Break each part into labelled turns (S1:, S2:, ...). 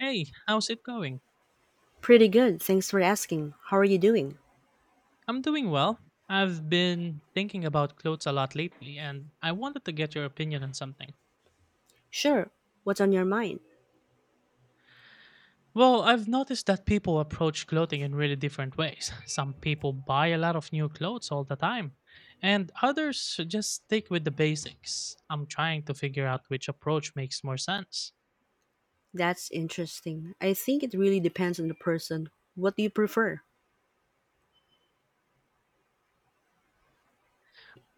S1: Hey, how's it going?
S2: Pretty good, thanks for asking. How are you doing?
S1: I'm doing well. I've been thinking about clothes a lot lately, and I wanted to get your opinion on something.
S2: Sure, what's on your mind?
S1: Well, I've noticed that people approach clothing in really different ways. Some people buy a lot of new clothes all the time, and others just stick with the basics. I'm trying to figure out which approach makes more sense.
S2: That's interesting. I think it really depends on the person. What do you prefer?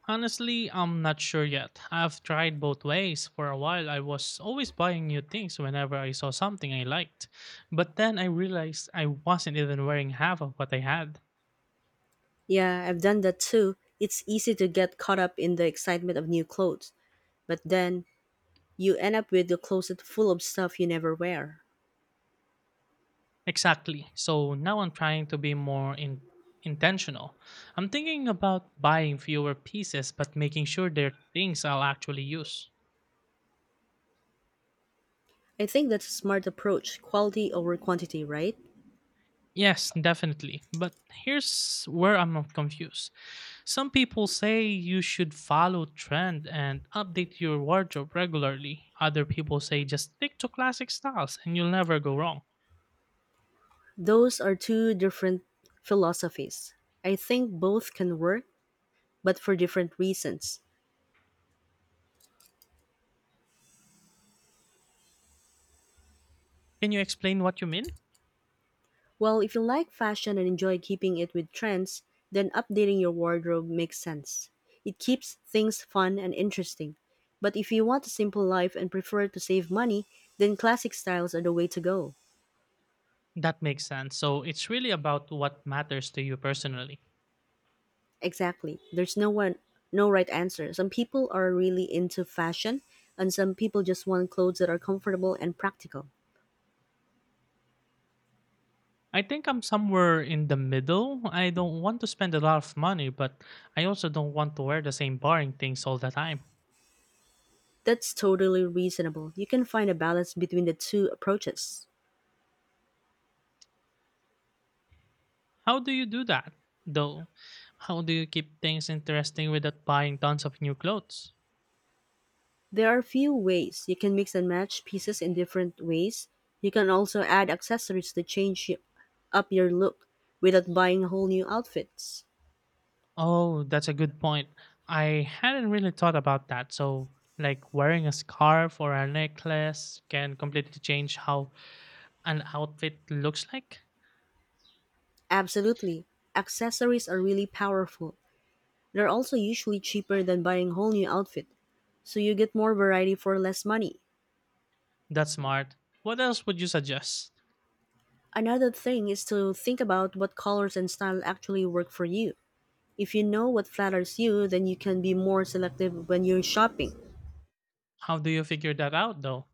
S1: Honestly, I'm not sure yet. I've tried both ways. For a while, I was always buying new things whenever I saw something I liked. But then I realized I wasn't even wearing half of what I had.
S2: Yeah, I've done that too. It's easy to get caught up in the excitement of new clothes, but then you end up with a closet full of stuff you never wear.
S1: Exactly. So now I'm trying to be more intentional. I'm thinking about buying fewer pieces but making sure they're things I'll actually use.
S2: I think that's a smart approach, quality over quantity, right?
S1: Yes, definitely. But here's where I'm confused. Some people say you should follow trend and update your wardrobe regularly. Other people say just stick to classic styles and you'll never go wrong.
S2: Those are two different philosophies. I think both can work, but for different reasons.
S1: Can you explain what you mean?
S2: Well, if you like fashion and enjoy keeping it with trends, then updating your wardrobe makes sense. It keeps things fun and interesting. But if you want a simple life and prefer to save money, then classic styles are the way to go.
S1: That makes sense. So it's really about what matters to you personally.
S2: Exactly. There's no right answer. Some people are really into fashion and some people just want clothes that are comfortable and practical.
S1: I think I'm somewhere in the middle. I don't want to spend a lot of money, but I also don't want to wear the same boring things all the time.
S2: That's totally reasonable. You can find a balance between the two approaches.
S1: How do you do that, though? How do you keep things interesting without buying tons of new clothes?
S2: There are few ways. You can mix and match pieces in different ways. You can also add accessories to change up your look without buying whole new outfits.
S1: Oh, that's a good point. I hadn't really thought about that. So, like wearing a scarf or a necklace can completely change how an outfit looks like?
S2: Absolutely. Accessories are really powerful. They're also usually cheaper than buying a whole new outfit, so you get more variety for less money.
S1: That's smart. What else would you suggest?
S2: Another thing is to think about what colors and style actually work for you. If you know what flatters you, then you can be more selective when you're shopping.
S1: How do you figure that out, though?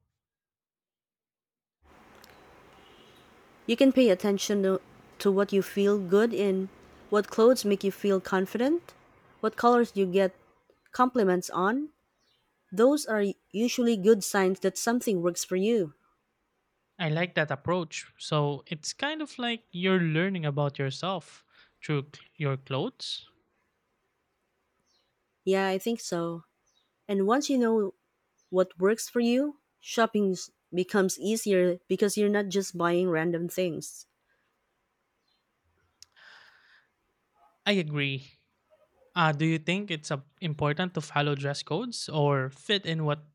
S2: You can pay attention to what you feel good in, what clothes make you feel confident, what colors you get compliments on. Those are usually good signs that something works for you.
S1: I like that approach. So, it's kind of like you're learning about yourself through your clothes.
S2: Yeah, I think so. And once you know what works for you, becomes easier because you're not just buying random things.
S1: I agree. Do you think it's important to follow dress codes or fit in what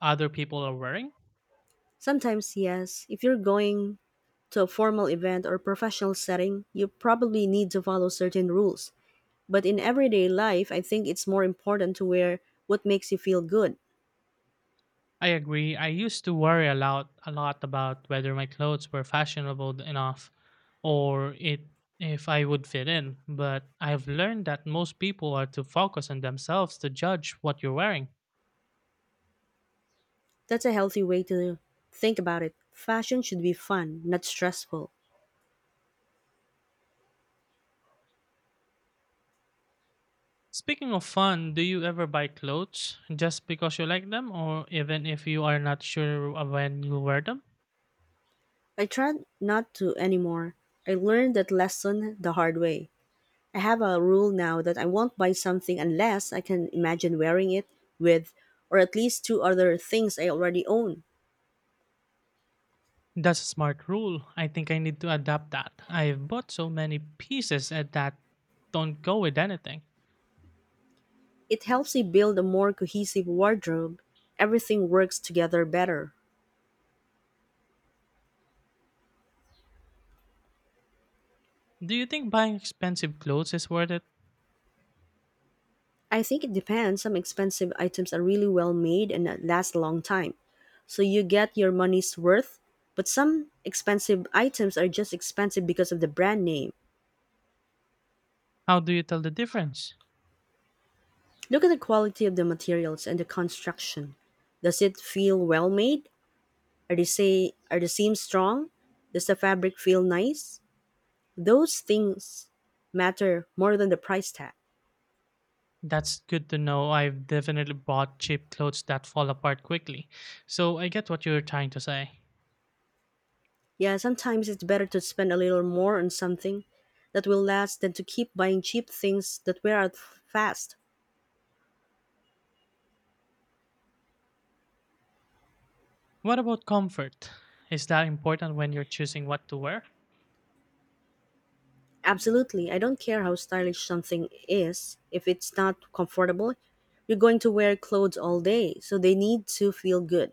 S1: other people are wearing?
S2: Sometimes, yes, if you're going to a formal event or professional setting, you probably need to follow certain rules. But in everyday life, I think it's more important to wear what makes you feel good.
S1: I agree. I used to worry a lot about whether my clothes were fashionable enough or it if I would fit in. But I've learned that most people are to focus on themselves to judge what you're wearing.
S2: That's a healthy way to think about it. Fashion should be fun, not stressful.
S1: Speaking of fun, do you ever buy clothes just because you like them or even if you are not sure of when you'll wear them?
S2: I try not to anymore. I learned that lesson the hard way. I have a rule now that I won't buy something unless I can imagine wearing it with or at least two other things I already own.
S1: That's a smart rule. I think I need to adapt that. I've bought so many pieces at that don't go with anything.
S2: It helps me build a more cohesive wardrobe. Everything works together better.
S1: Do you think buying expensive clothes is worth it?
S2: I think it depends. Some expensive items are really well made and that last a long time. So you get your money's worth, but some expensive items are just expensive because of the brand name.
S1: How do you tell the difference?
S2: Look at the quality of the materials and the construction. Does it feel well made? Are the seams strong? Does the fabric feel nice? Those things matter more than the price tag.
S1: That's good to know. I've definitely bought cheap clothes that fall apart quickly. So I get what you're trying to say.
S2: Yeah, sometimes it's better to spend a little more on something that will last than to keep buying cheap things that wear out fast.
S1: What about comfort? Is that important when you're choosing what to wear?
S2: Absolutely, I don't care how stylish something is, if it's not comfortable, you're going to wear clothes all day, so they need to feel good.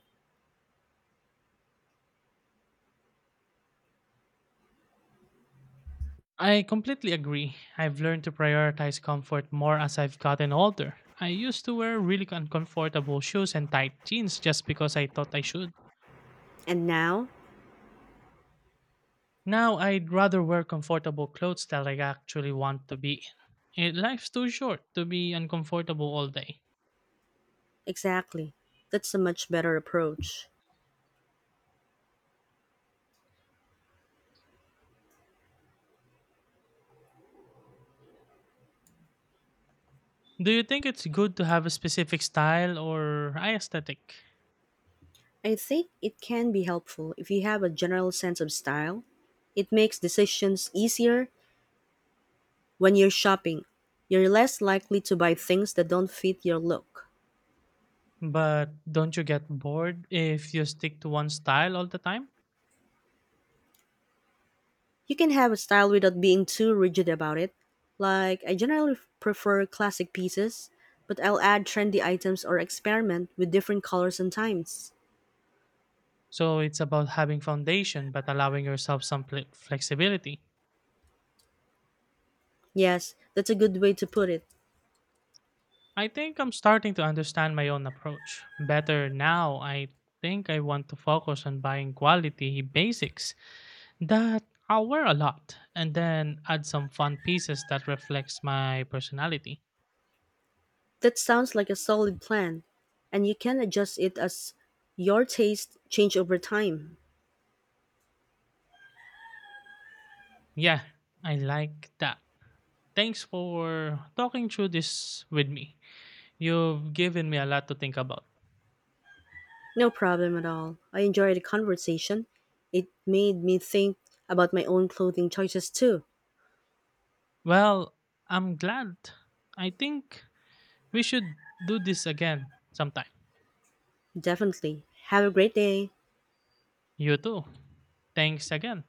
S1: I completely agree. I've learned to prioritize comfort more as I've gotten older. I used to wear really uncomfortable shoes and tight jeans just because I thought I should.
S2: And now,
S1: Now I'd rather wear comfortable clothes that I actually want to be in. Eh, life's too short to be uncomfortable all day.
S2: exactly, that's a much better approach.
S1: Do you think it's good to have a specific style or aesthetic?
S2: I think it can be helpful if you have a general sense of style. It makes decisions easier when you're shopping, you're less likely to buy things that don't fit your look.
S1: But don't you get bored if you stick to one style all the time?
S2: You can have a style without being too rigid about it. Like, I generally prefer classic pieces, but I'll add trendy items or experiment with different colors and times.
S1: So it's about having foundation but allowing yourself some flexibility.
S2: Yes, that's a good way to put it.
S1: I think I'm starting to understand my own approach better now. I think I want to focus on buying quality basics that I'll wear a lot and then add some fun pieces that reflects my personality.
S2: That sounds like a solid plan, and you can adjust it as your taste change over time.
S1: Yeah, I like that. Thanks for talking through this with me. You've given me a lot to think about.
S2: No problem at all. I enjoyed the conversation. It made me think about my own clothing choices too.
S1: Well, I'm glad. I think we should do this again sometime.
S2: Definitely. Have a great day.
S1: You too. Thanks again.